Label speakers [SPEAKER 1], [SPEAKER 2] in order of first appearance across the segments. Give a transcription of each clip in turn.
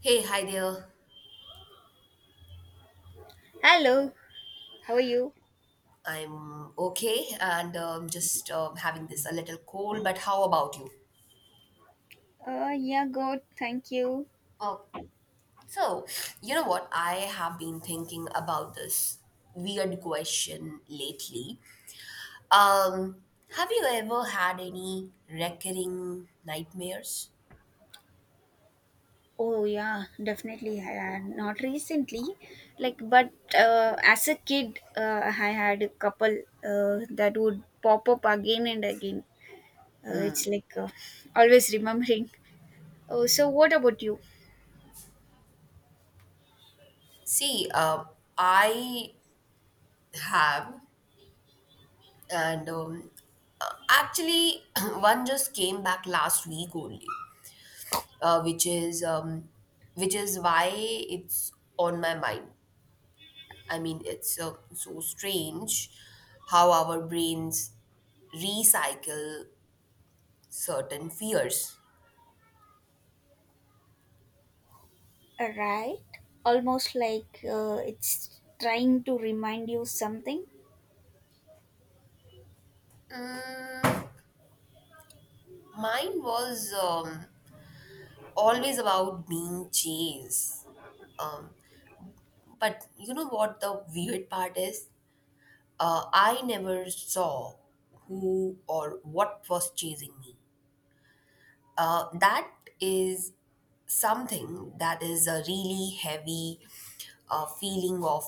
[SPEAKER 1] Hey, hi there.
[SPEAKER 2] Hello, how are you?
[SPEAKER 1] I'm okay and just having this a little cold, but how about you?
[SPEAKER 2] Yeah, good. Thank you.
[SPEAKER 1] Oh, so you know what? I have been thinking about this weird question lately. Um, have you ever had any recurring nightmares?
[SPEAKER 2] Oh yeah, definitely. Not recently, but as a kid, I had a couple that would pop up again and again. It's like always remembering. Oh, so what about you?
[SPEAKER 1] See, I have, and actually, one just came back last week only. Which is which is why it's on my mind. I mean, it's so strange how our brains recycle certain fears.
[SPEAKER 2] Right. Almost like it's trying to remind you something.
[SPEAKER 1] Mine was always about being chased. Um, but you know what the weird part is? I never saw who or what was chasing me. That is something that is a really heavy feeling of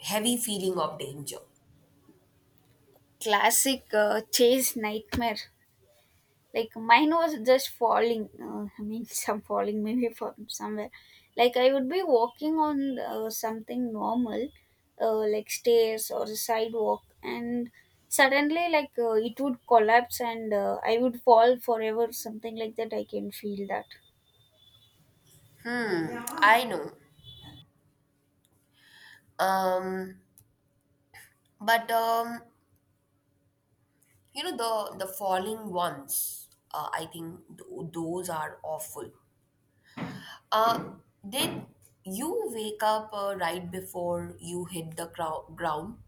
[SPEAKER 1] heavy feeling of danger.
[SPEAKER 2] Classic chase nightmare. Like mine was just falling, I mean some falling maybe from somewhere, like I would be walking on something normal, like stairs or a sidewalk, and suddenly it would collapse, and I would fall forever, something like that. I can feel that
[SPEAKER 1] Mm, I know. Um, but you know the falling ones. I think those are awful. Uh, did you wake up right before you hit the ground?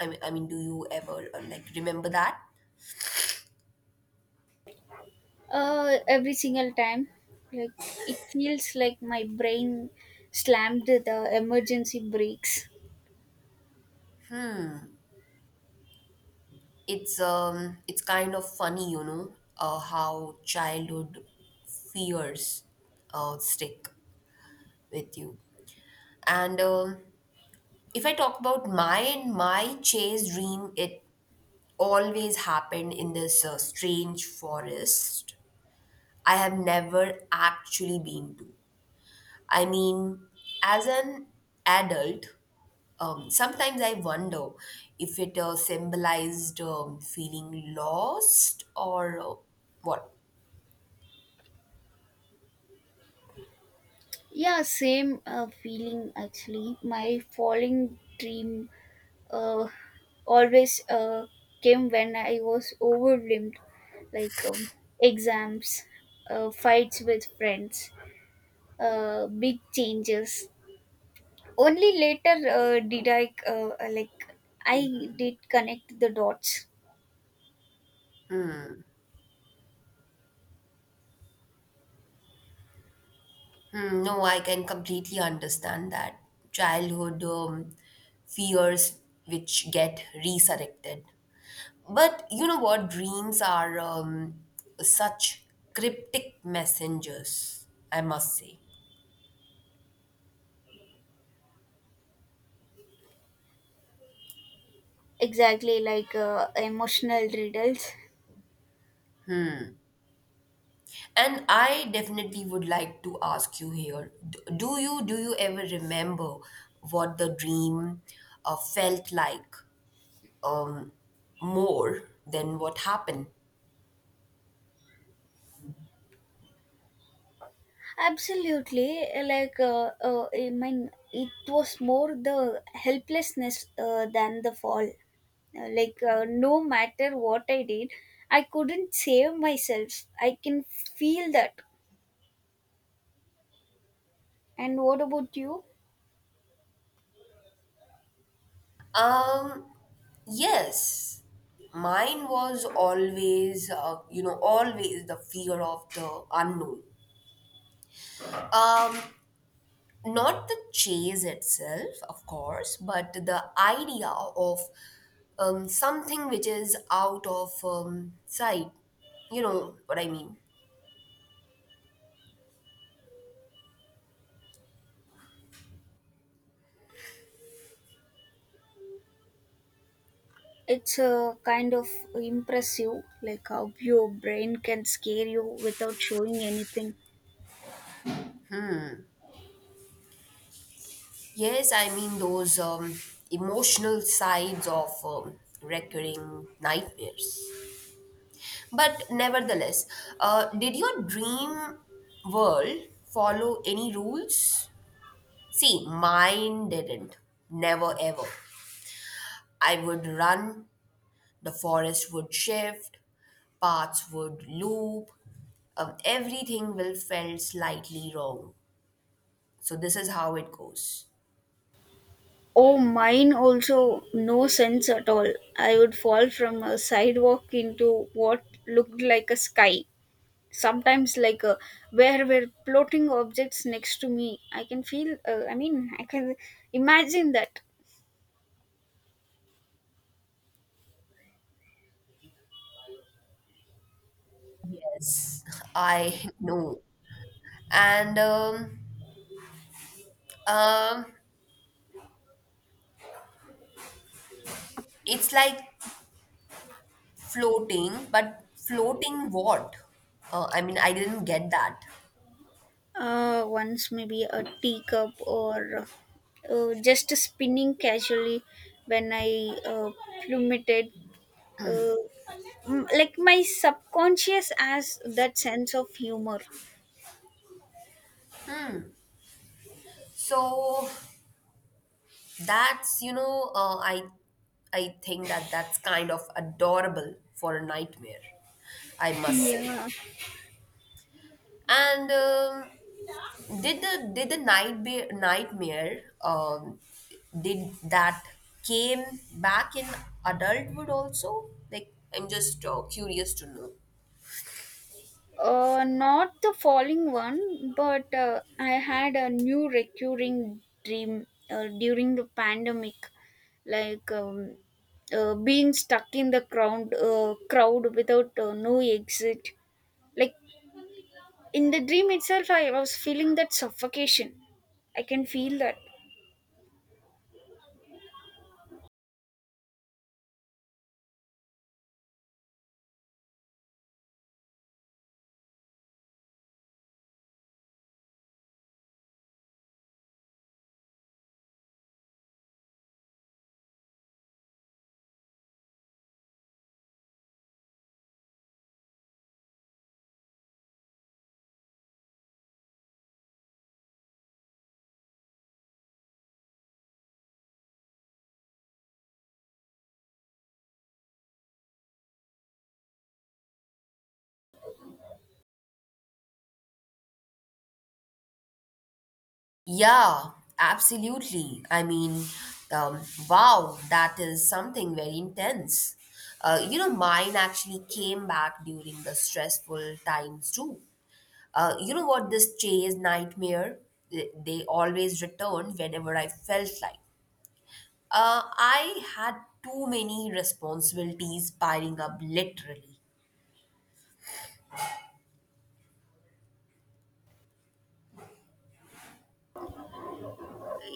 [SPEAKER 1] I mean, do you ever like remember that?
[SPEAKER 2] every single time. Like it feels like my brain slammed the emergency brakes.
[SPEAKER 1] It's it's kind of funny, you know, how childhood fears stick with you, and if I talk about mine, my chase dream, it always happened in this strange forest I have never actually been to. I mean, as an adult, sometimes I wonder if it symbolized feeling lost or what.
[SPEAKER 2] Yeah, same feeling. Actually my falling dream uh, always came when I was overwhelmed, like exams, fights with friends, big changes. Only later did I did connect the dots
[SPEAKER 1] Mm, no, I can completely understand that childhood fears which get resurrected. But you know what? Dreams are such cryptic messengers, I must say.
[SPEAKER 2] exactly, like emotional riddles.
[SPEAKER 1] And I definitely would like to ask you here: Do you ever remember what the dream felt like, um, more than what happened?
[SPEAKER 2] Absolutely, I mean it was more the helplessness than the fall. Like no matter what I did, I couldn't save myself. I can feel that. And what about you?
[SPEAKER 1] Um, yes, mine was always, you know, always the fear of the unknown. Um, Not the chase itself, of course, but the idea of something which is out of sight. You know what I mean?
[SPEAKER 2] It's kind of impressive, like how your brain can scare you without showing anything.
[SPEAKER 1] Yes, I mean those emotional sides of recurring nightmares. But nevertheless, did your dream world follow any rules? See, mine didn't. Never ever. I would run, the forest would shift, paths would loop, everything will felt slightly wrong. So this is how it goes.
[SPEAKER 2] Oh, mine also, no sense at all. I would fall from a sidewalk into what looked like a sky, sometimes where were floating objects next to me. I can feel, I mean, I can imagine that.
[SPEAKER 1] Yes, I know. And um, it's like floating, but floating what? I mean, I didn't get that.
[SPEAKER 2] Once maybe a teacup or just spinning casually when I plummeted. Uh, like my subconscious has that sense of humor.
[SPEAKER 1] So that's, you know, I think that's kind of adorable for a nightmare, I must say.
[SPEAKER 2] Yeah.
[SPEAKER 1] And did the nightmare did that came back in adulthood also? Like I'm just curious to know.
[SPEAKER 2] Not the falling one, but I had a new recurring dream during the pandemic, like being stuck in the crowd, crowd without no exit. Like in the dream itself, I was feeling that suffocation. I can feel that.
[SPEAKER 1] Yeah, absolutely. I mean, um, wow, that is something very intense. You know, mine actually came back during the stressful times too. You know what, this chase nightmare, they always returned whenever I felt like. I had too many responsibilities piling up literally.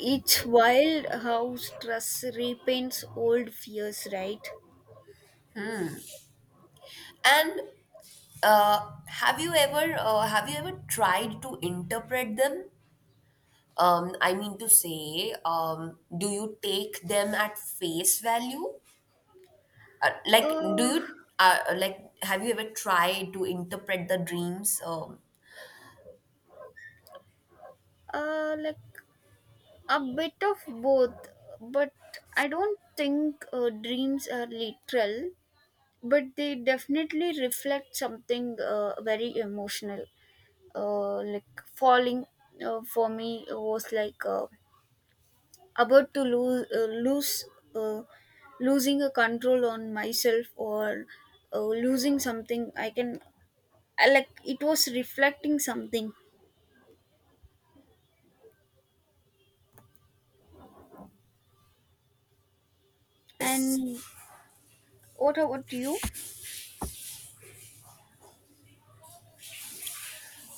[SPEAKER 2] It's wild how stress repaints old fears, right?
[SPEAKER 1] And have you ever tried to interpret them? I mean to say, do you take them at face value? Like, do
[SPEAKER 2] Uh,
[SPEAKER 1] you like have you ever tried to interpret the dreams?
[SPEAKER 2] like a bit of both, but I don't think dreams are literal, but they definitely reflect something, very emotional. Like falling for me was like, about to lose lose uh, losing a control on myself, or losing something. I can, I, like it was reflecting something. And
[SPEAKER 1] Yes.
[SPEAKER 2] what about you?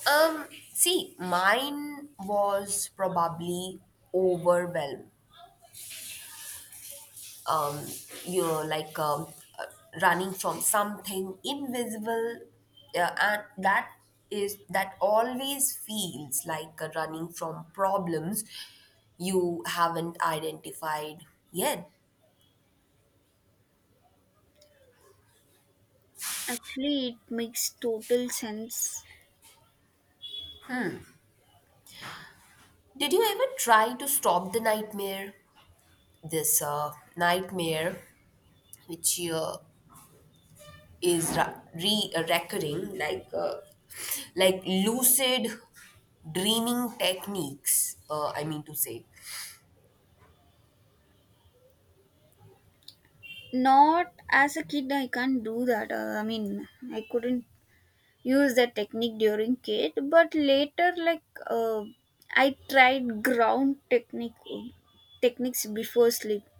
[SPEAKER 1] Um, See, mine was probably overwhelmed, um, you're like, uh, running from something invisible, and that is that always feels like a running from problems you haven't identified yet.
[SPEAKER 2] Actually, it makes total sense.
[SPEAKER 1] Did you ever try to stop the nightmare, this nightmare which is ra- re recurring, like lucid dreaming techniques, I mean to say?
[SPEAKER 2] Not as a kid, I can't do that. I mean, I couldn't use that technique during kid, but later like, uh, I tried ground techniques before sleep.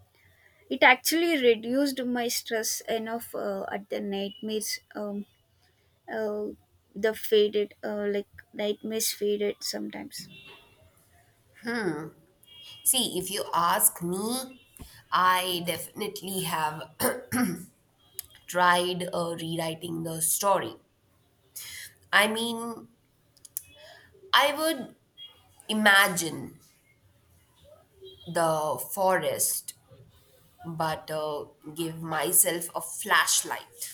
[SPEAKER 2] It actually reduced my stress enough at the nightmares. Uh, the faded, like nightmares faded sometimes.
[SPEAKER 1] See, if you ask me, I definitely have tried rewriting the story. I mean, I would imagine the forest, but give myself a flashlight.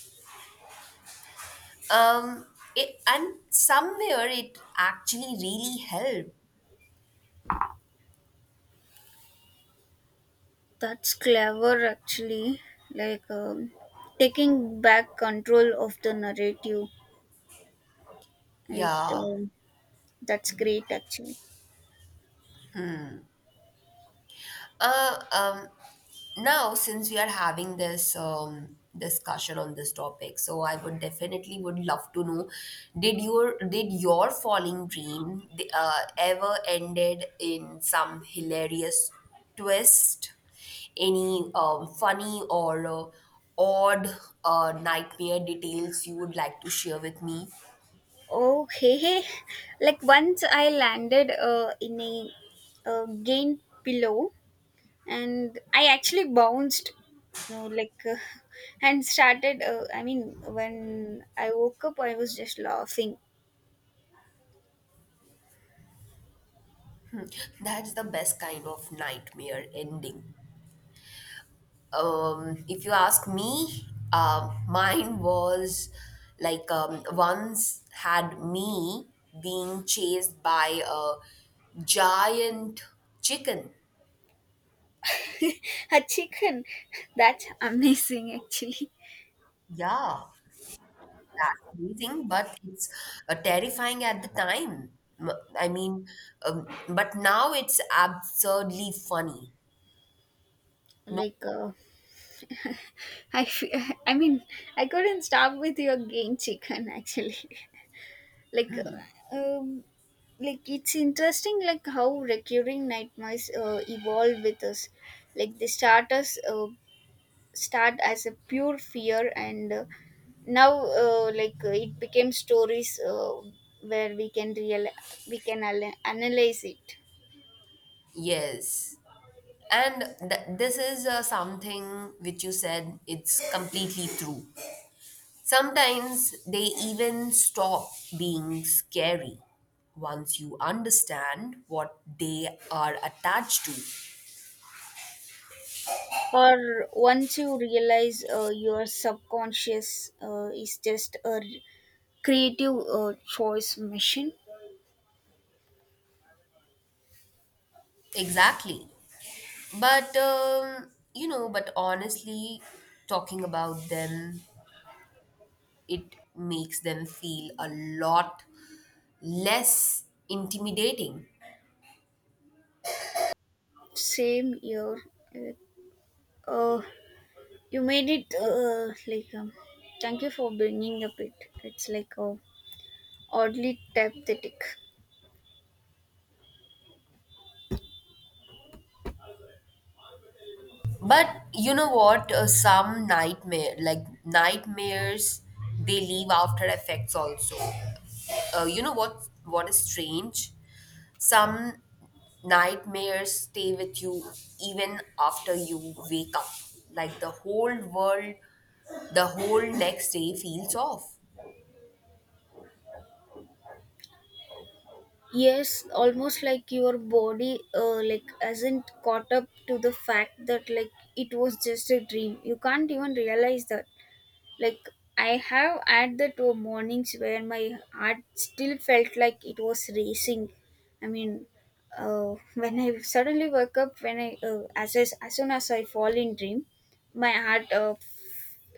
[SPEAKER 1] Um, and somewhere it actually really helped.
[SPEAKER 2] That's clever, actually. Like taking back control of the narrative. Like,
[SPEAKER 1] Yeah.
[SPEAKER 2] that's great, actually.
[SPEAKER 1] Uh, um, Now since we are having this discussion on this topic, so I would definitely would love to know, did your falling dream ever ended in some hilarious twist, any funny or odd nightmare details you would like to share with me?
[SPEAKER 2] Oh, hey, hey. Like once I landed in a game pillow, and I actually bounced. You know, and started, I mean, when I woke up I was just laughing.
[SPEAKER 1] That's the best kind of nightmare ending, if you ask me. Mine was like, once had me being chased by a giant chicken.
[SPEAKER 2] A chicken, that's amazing actually.
[SPEAKER 1] Yeah, amazing, but it's terrifying at the time. M- I mean, but now it's absurdly funny. No,
[SPEAKER 2] Like uh, i fe- I mean, I couldn't stop with your game chicken, actually. like uh, um like it's interesting, like how recurring nightmares evolve with us. Like they start as a pure fear, and now it became stories where we can analyze it.
[SPEAKER 1] yes. And this is something which you said, it's completely true. Sometimes they even stop being scary once you understand what they are attached to.
[SPEAKER 2] Or once you realize your subconscious is just a creative choice machine.
[SPEAKER 1] Exactly. But, you know, but honestly, talking about them, it makes them feel a lot less intimidating.
[SPEAKER 2] Same year. uh, uh, you made it, thank you for bringing up it. It's like oddly therapeutic.
[SPEAKER 1] But you know what? Some nightmare, like nightmares, they leave after effects also. Uh, you know what is strange, some nightmares stay with you even after you wake up. Like, the whole world, the whole next day feels off.
[SPEAKER 2] Yes, almost like your body like hasn't caught up to the fact that, like, it was just a dream. You can't even realize that. Like I have had that mornings where my heart still felt like it was racing. I mean, when I suddenly woke up, when I, as soon as I fall in dream, my heart,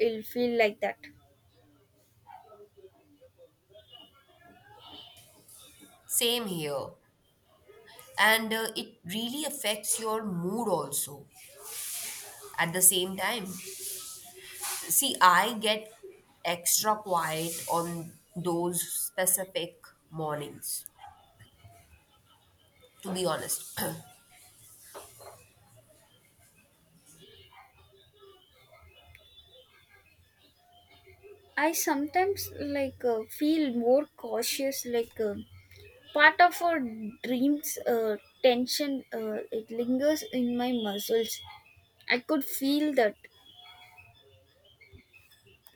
[SPEAKER 2] will feel like that.
[SPEAKER 1] Same here. And it really affects your mood also, at the same time. See, I get extra quiet on those specific mornings, to be honest.
[SPEAKER 2] I sometimes like feel more cautious, like. Part of our dream's tension it lingers in my muscles. I could feel that,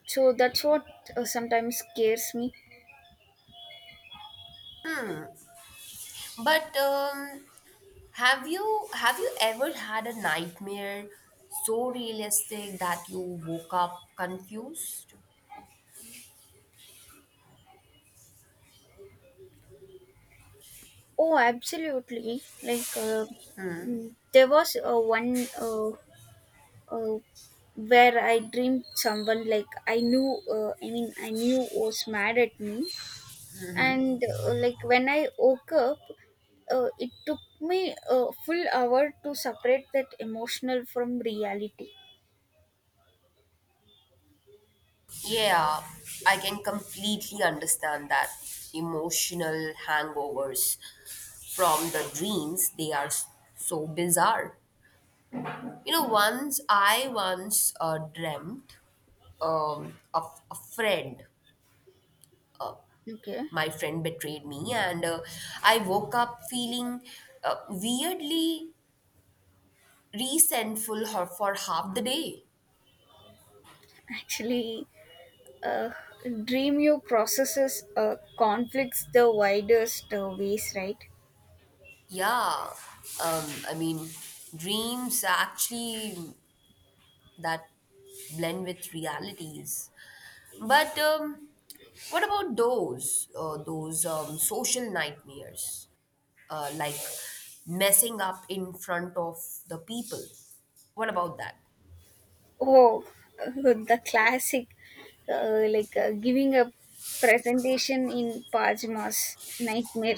[SPEAKER 2] so that's what sometimes scares me.
[SPEAKER 1] But have you ever had a nightmare so realistic that you woke up confused?
[SPEAKER 2] Oh, absolutely. Like there was one uh, where I dreamed someone, like, I knew, I mean, I knew was mad at me. And like when I woke up, it took me a full hour to separate that emotional from reality.
[SPEAKER 1] Yeah, I can completely understand that. Emotional hangovers from the dreams, they are so bizarre. You know, once dreamt of a friend.
[SPEAKER 2] Okay.
[SPEAKER 1] My friend betrayed me, and I woke up feeling weirdly resentful for half the day.
[SPEAKER 2] Actually, uh, Dream You processes conflicts the widest ways, right?
[SPEAKER 1] Yeah, I mean, dreams actually that blend with realities. But what about those social nightmares, like messing up in front of the people? What about that?
[SPEAKER 2] Oh, the classic, giving a presentation in pajamas, nightmare.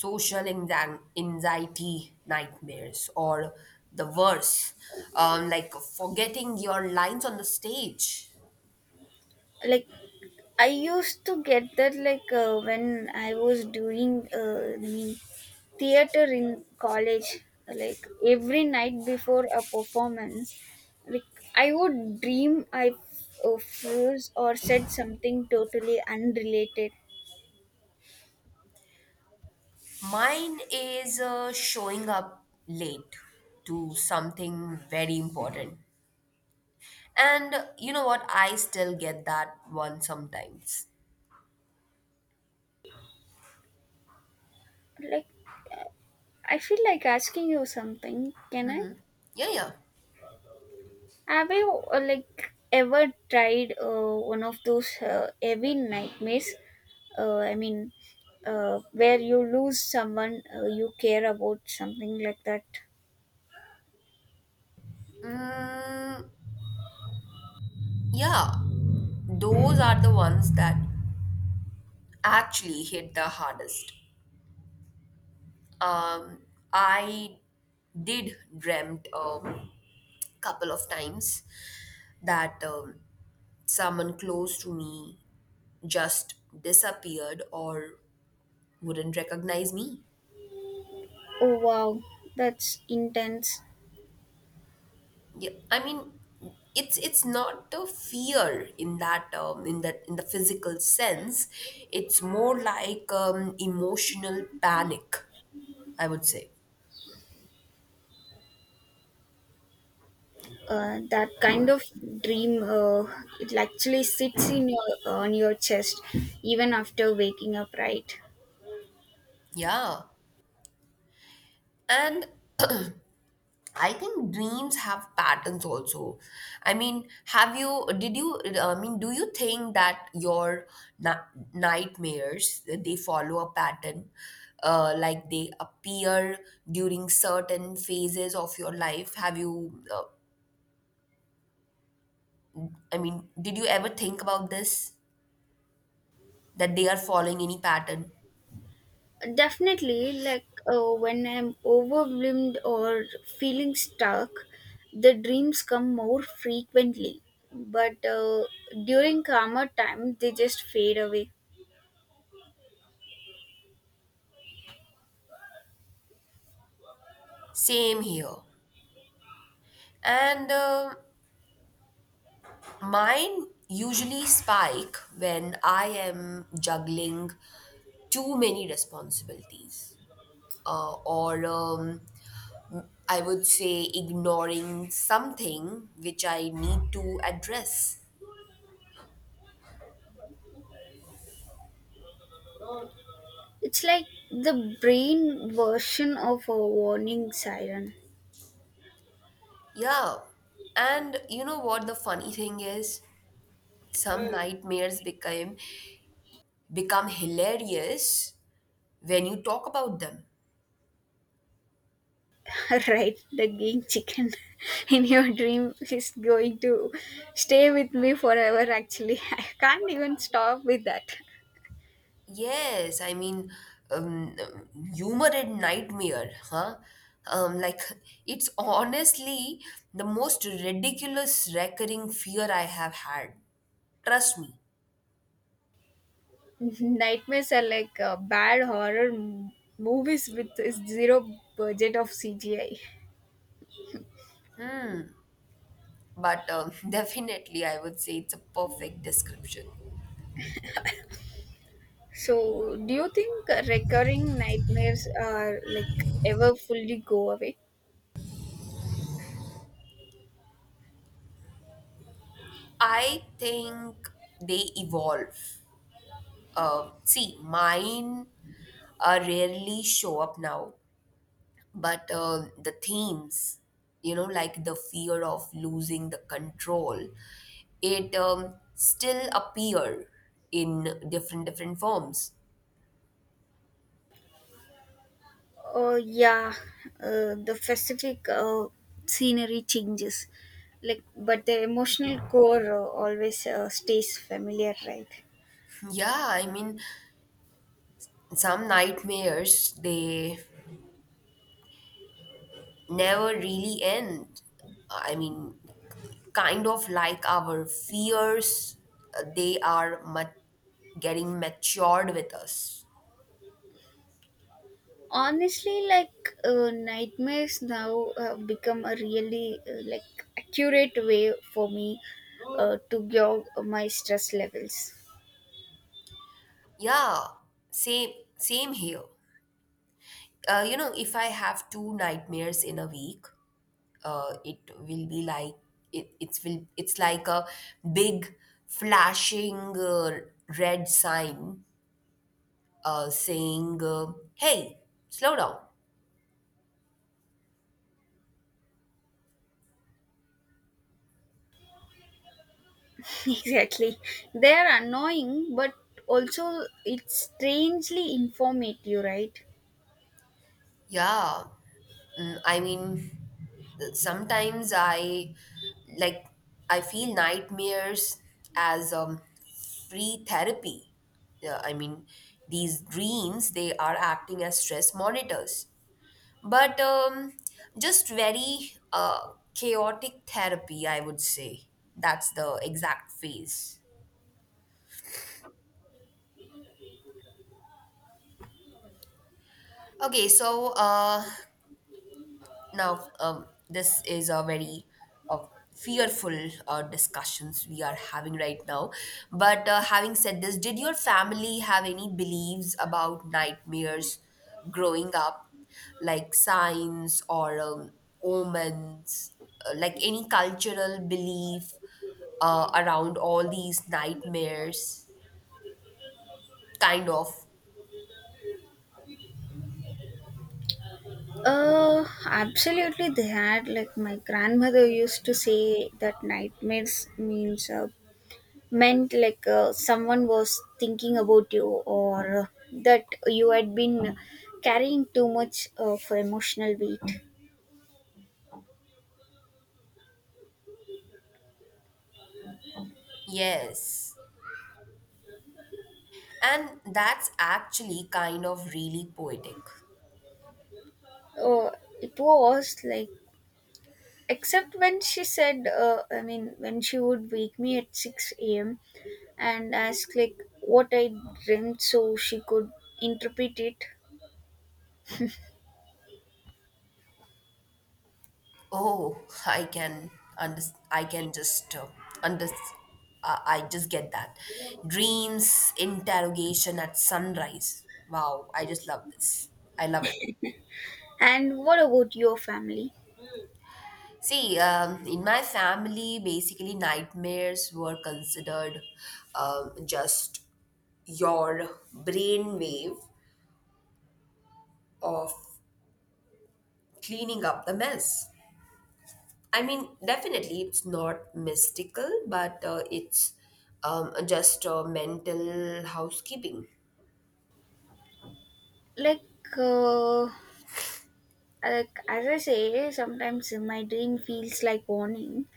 [SPEAKER 1] Social anxi- anxiety nightmares, or the worse, like forgetting your lines on the stage.
[SPEAKER 2] Like I used to get that, like, when I was doing, I mean, theater in college. Like every night before a performance, like I would dream I, froze or said something totally unrelated.
[SPEAKER 1] Mine is showing up late to something very important. And you know what? I still get that one sometimes.
[SPEAKER 2] Like I feel like asking you something, can I?
[SPEAKER 1] Yeah, yeah.
[SPEAKER 2] Have you like ever tried one of those heavy nightmares? I mean, where you lose someone you care about, something like that.
[SPEAKER 1] Mm, yeah, those are the ones that actually hit the hardest. Um, I did dreamt a couple of times that someone close to me just disappeared or wouldn't recognize me.
[SPEAKER 2] Oh wow, that's intense.
[SPEAKER 1] Yeah, I mean, it's not a fear in that in the physical sense. It's more like emotional panic, I would say.
[SPEAKER 2] That kind of dream, it actually sits in your on your chest even after waking up, right?
[SPEAKER 1] Yeah, and I think dreams have patterns also. I mean, have you? Did you? I mean, do you think that your na- nightmares they follow a pattern? Like they appear during certain phases of your life. Have you? I mean, did you ever think about this? That they are following any pattern?
[SPEAKER 2] Definitely, like when I'm overwhelmed or feeling stuck, the dreams come more frequently. But during calmer time, they just fade away.
[SPEAKER 1] Same here. And mine usually spike when I am juggling too many responsibilities, or I would say ignoring something which I need to address.
[SPEAKER 2] It's like the brain version of a warning siren.
[SPEAKER 1] Yeah. And you know what the funny thing is? Some nightmares become hilarious when you talk about them.
[SPEAKER 2] Right, the game chicken in your dream is going to stay with me forever, actually. I can't even stop with that.
[SPEAKER 1] Yes, I mean, humor in nightmare, huh? Like, it's honestly the most ridiculous recurring fear I have had. Trust me.
[SPEAKER 2] Nightmares are like bad horror movies with zero budget of CGI.
[SPEAKER 1] But definitely, I would say it's a perfect description.
[SPEAKER 2] So, do you think recurring nightmares are like ever fully go away?
[SPEAKER 1] I think they evolve. See, mine rarely show up now. But the themes, you know, like the fear of losing the control, it still appear in different different forms.
[SPEAKER 2] Oh yeah, the specific scenery changes, like but the emotional core always stays familiar, right?
[SPEAKER 1] Yeah, I mean, some nightmares they never really end. I mean, kind of like our fears, they are getting matured with us.
[SPEAKER 2] Honestly, like nightmares now have become a really like accurate way for me to gauge my stress levels.
[SPEAKER 1] Yeah, same here. Uh, you know, if I have two nightmares in a week, it will be like it, it's will it's like a big flashing red sign saying, "Hey, slow down."
[SPEAKER 2] Exactly, they are annoying, but also it's strangely informative, right?
[SPEAKER 1] Yeah, I mean, sometimes I like I feel nightmares as free therapy. Yeah, I mean, these dreams they are acting as stress monitors, but just very chaotic therapy, I would say. That's the exact phase. Okay, so now, this is a very uh, fearful discussions we are having right now. But having said this, did your family have any beliefs about nightmares growing up, like signs or omens, like any cultural belief around all these nightmares? Kind of,
[SPEAKER 2] Uh, absolutely, they had. Like my grandmother used to say that nightmares means meant, like, someone was thinking about you, or that you had been carrying too much of emotional weight.
[SPEAKER 1] yes. And that's actually kind of really poetic.
[SPEAKER 2] Uh, it was like, except when she said, when she would wake me at 6 a.m. and ask, like, what I dreamt so she could interpret it.
[SPEAKER 1] Oh, I can under, I can just under, I just get that. Dreams interrogation at sunrise. Wow, I just love this. I love it.
[SPEAKER 2] And what about your family?
[SPEAKER 1] See, in my family, basically nightmares were considered just your brainwave of cleaning up the mess. I mean, definitely, it's not mystical, but it's just mental housekeeping.
[SPEAKER 2] Like, uh, like as I say, sometimes my dream feels like warning.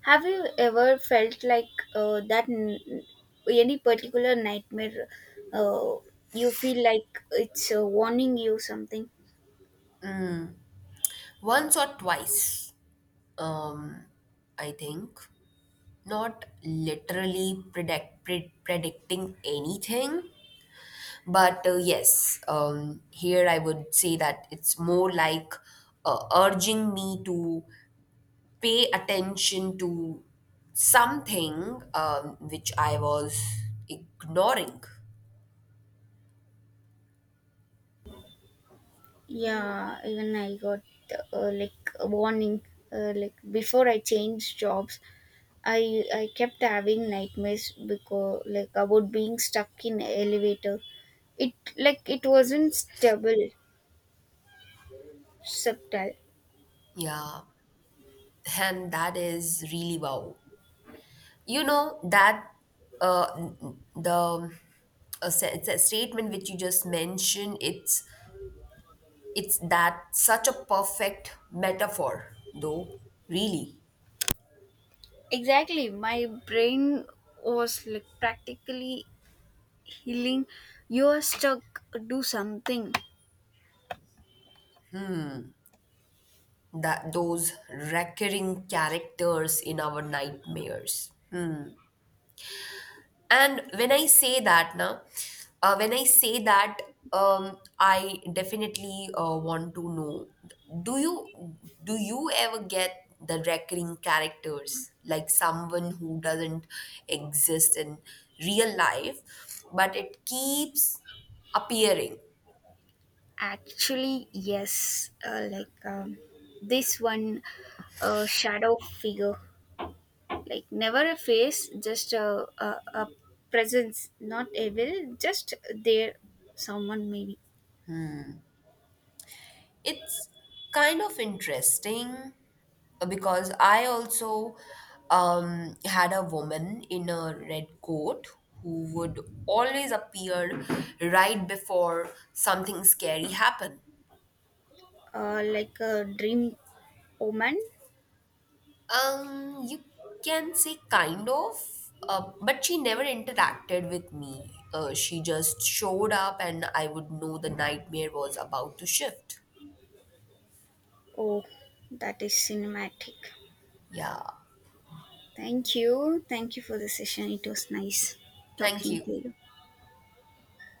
[SPEAKER 2] Have you ever felt like that? Any particular nightmare, uh, you feel like it's warning you something.
[SPEAKER 1] Once or twice, um, I think. Not literally predict, predicting anything, but yes, here I would say that it's more like urging me to pay attention to something which I was ignoring.
[SPEAKER 2] Yeah, even I got like a warning. Like before I changed jobs, I kept having nightmares because, like, about being stuck in elevator. It, like, it wasn't stable, subtle.
[SPEAKER 1] Yeah, and that is really wow. You know that uh, the a statement which you just mentioned. It's that such a perfect metaphor, though. Really,
[SPEAKER 2] Exactly. My brain was like practically healing. You're stuck. Do something.
[SPEAKER 1] that those recurring characters in our nightmares. And when I say that, now, When I say that, I definitely want to know. Do you do you ever get the recurring characters like someone who doesn't exist in real life, but it keeps appearing?
[SPEAKER 2] Actually, yes. Like this one shadow figure. Like never a face, just a presence. Not evil, just there. Someone maybe.
[SPEAKER 1] It's kind of interesting, because I also had a woman in a red coat who would always appear right before something scary happened.
[SPEAKER 2] Like a dream omen.
[SPEAKER 1] You can say kind of, but she never interacted with me. She just showed up, and I would know the nightmare was about to shift.
[SPEAKER 2] Oh, that is cinematic.
[SPEAKER 1] Yeah,
[SPEAKER 2] Thank you. Thank you for the session. It was nice
[SPEAKER 1] thank
[SPEAKER 2] talking
[SPEAKER 1] you.
[SPEAKER 2] to you.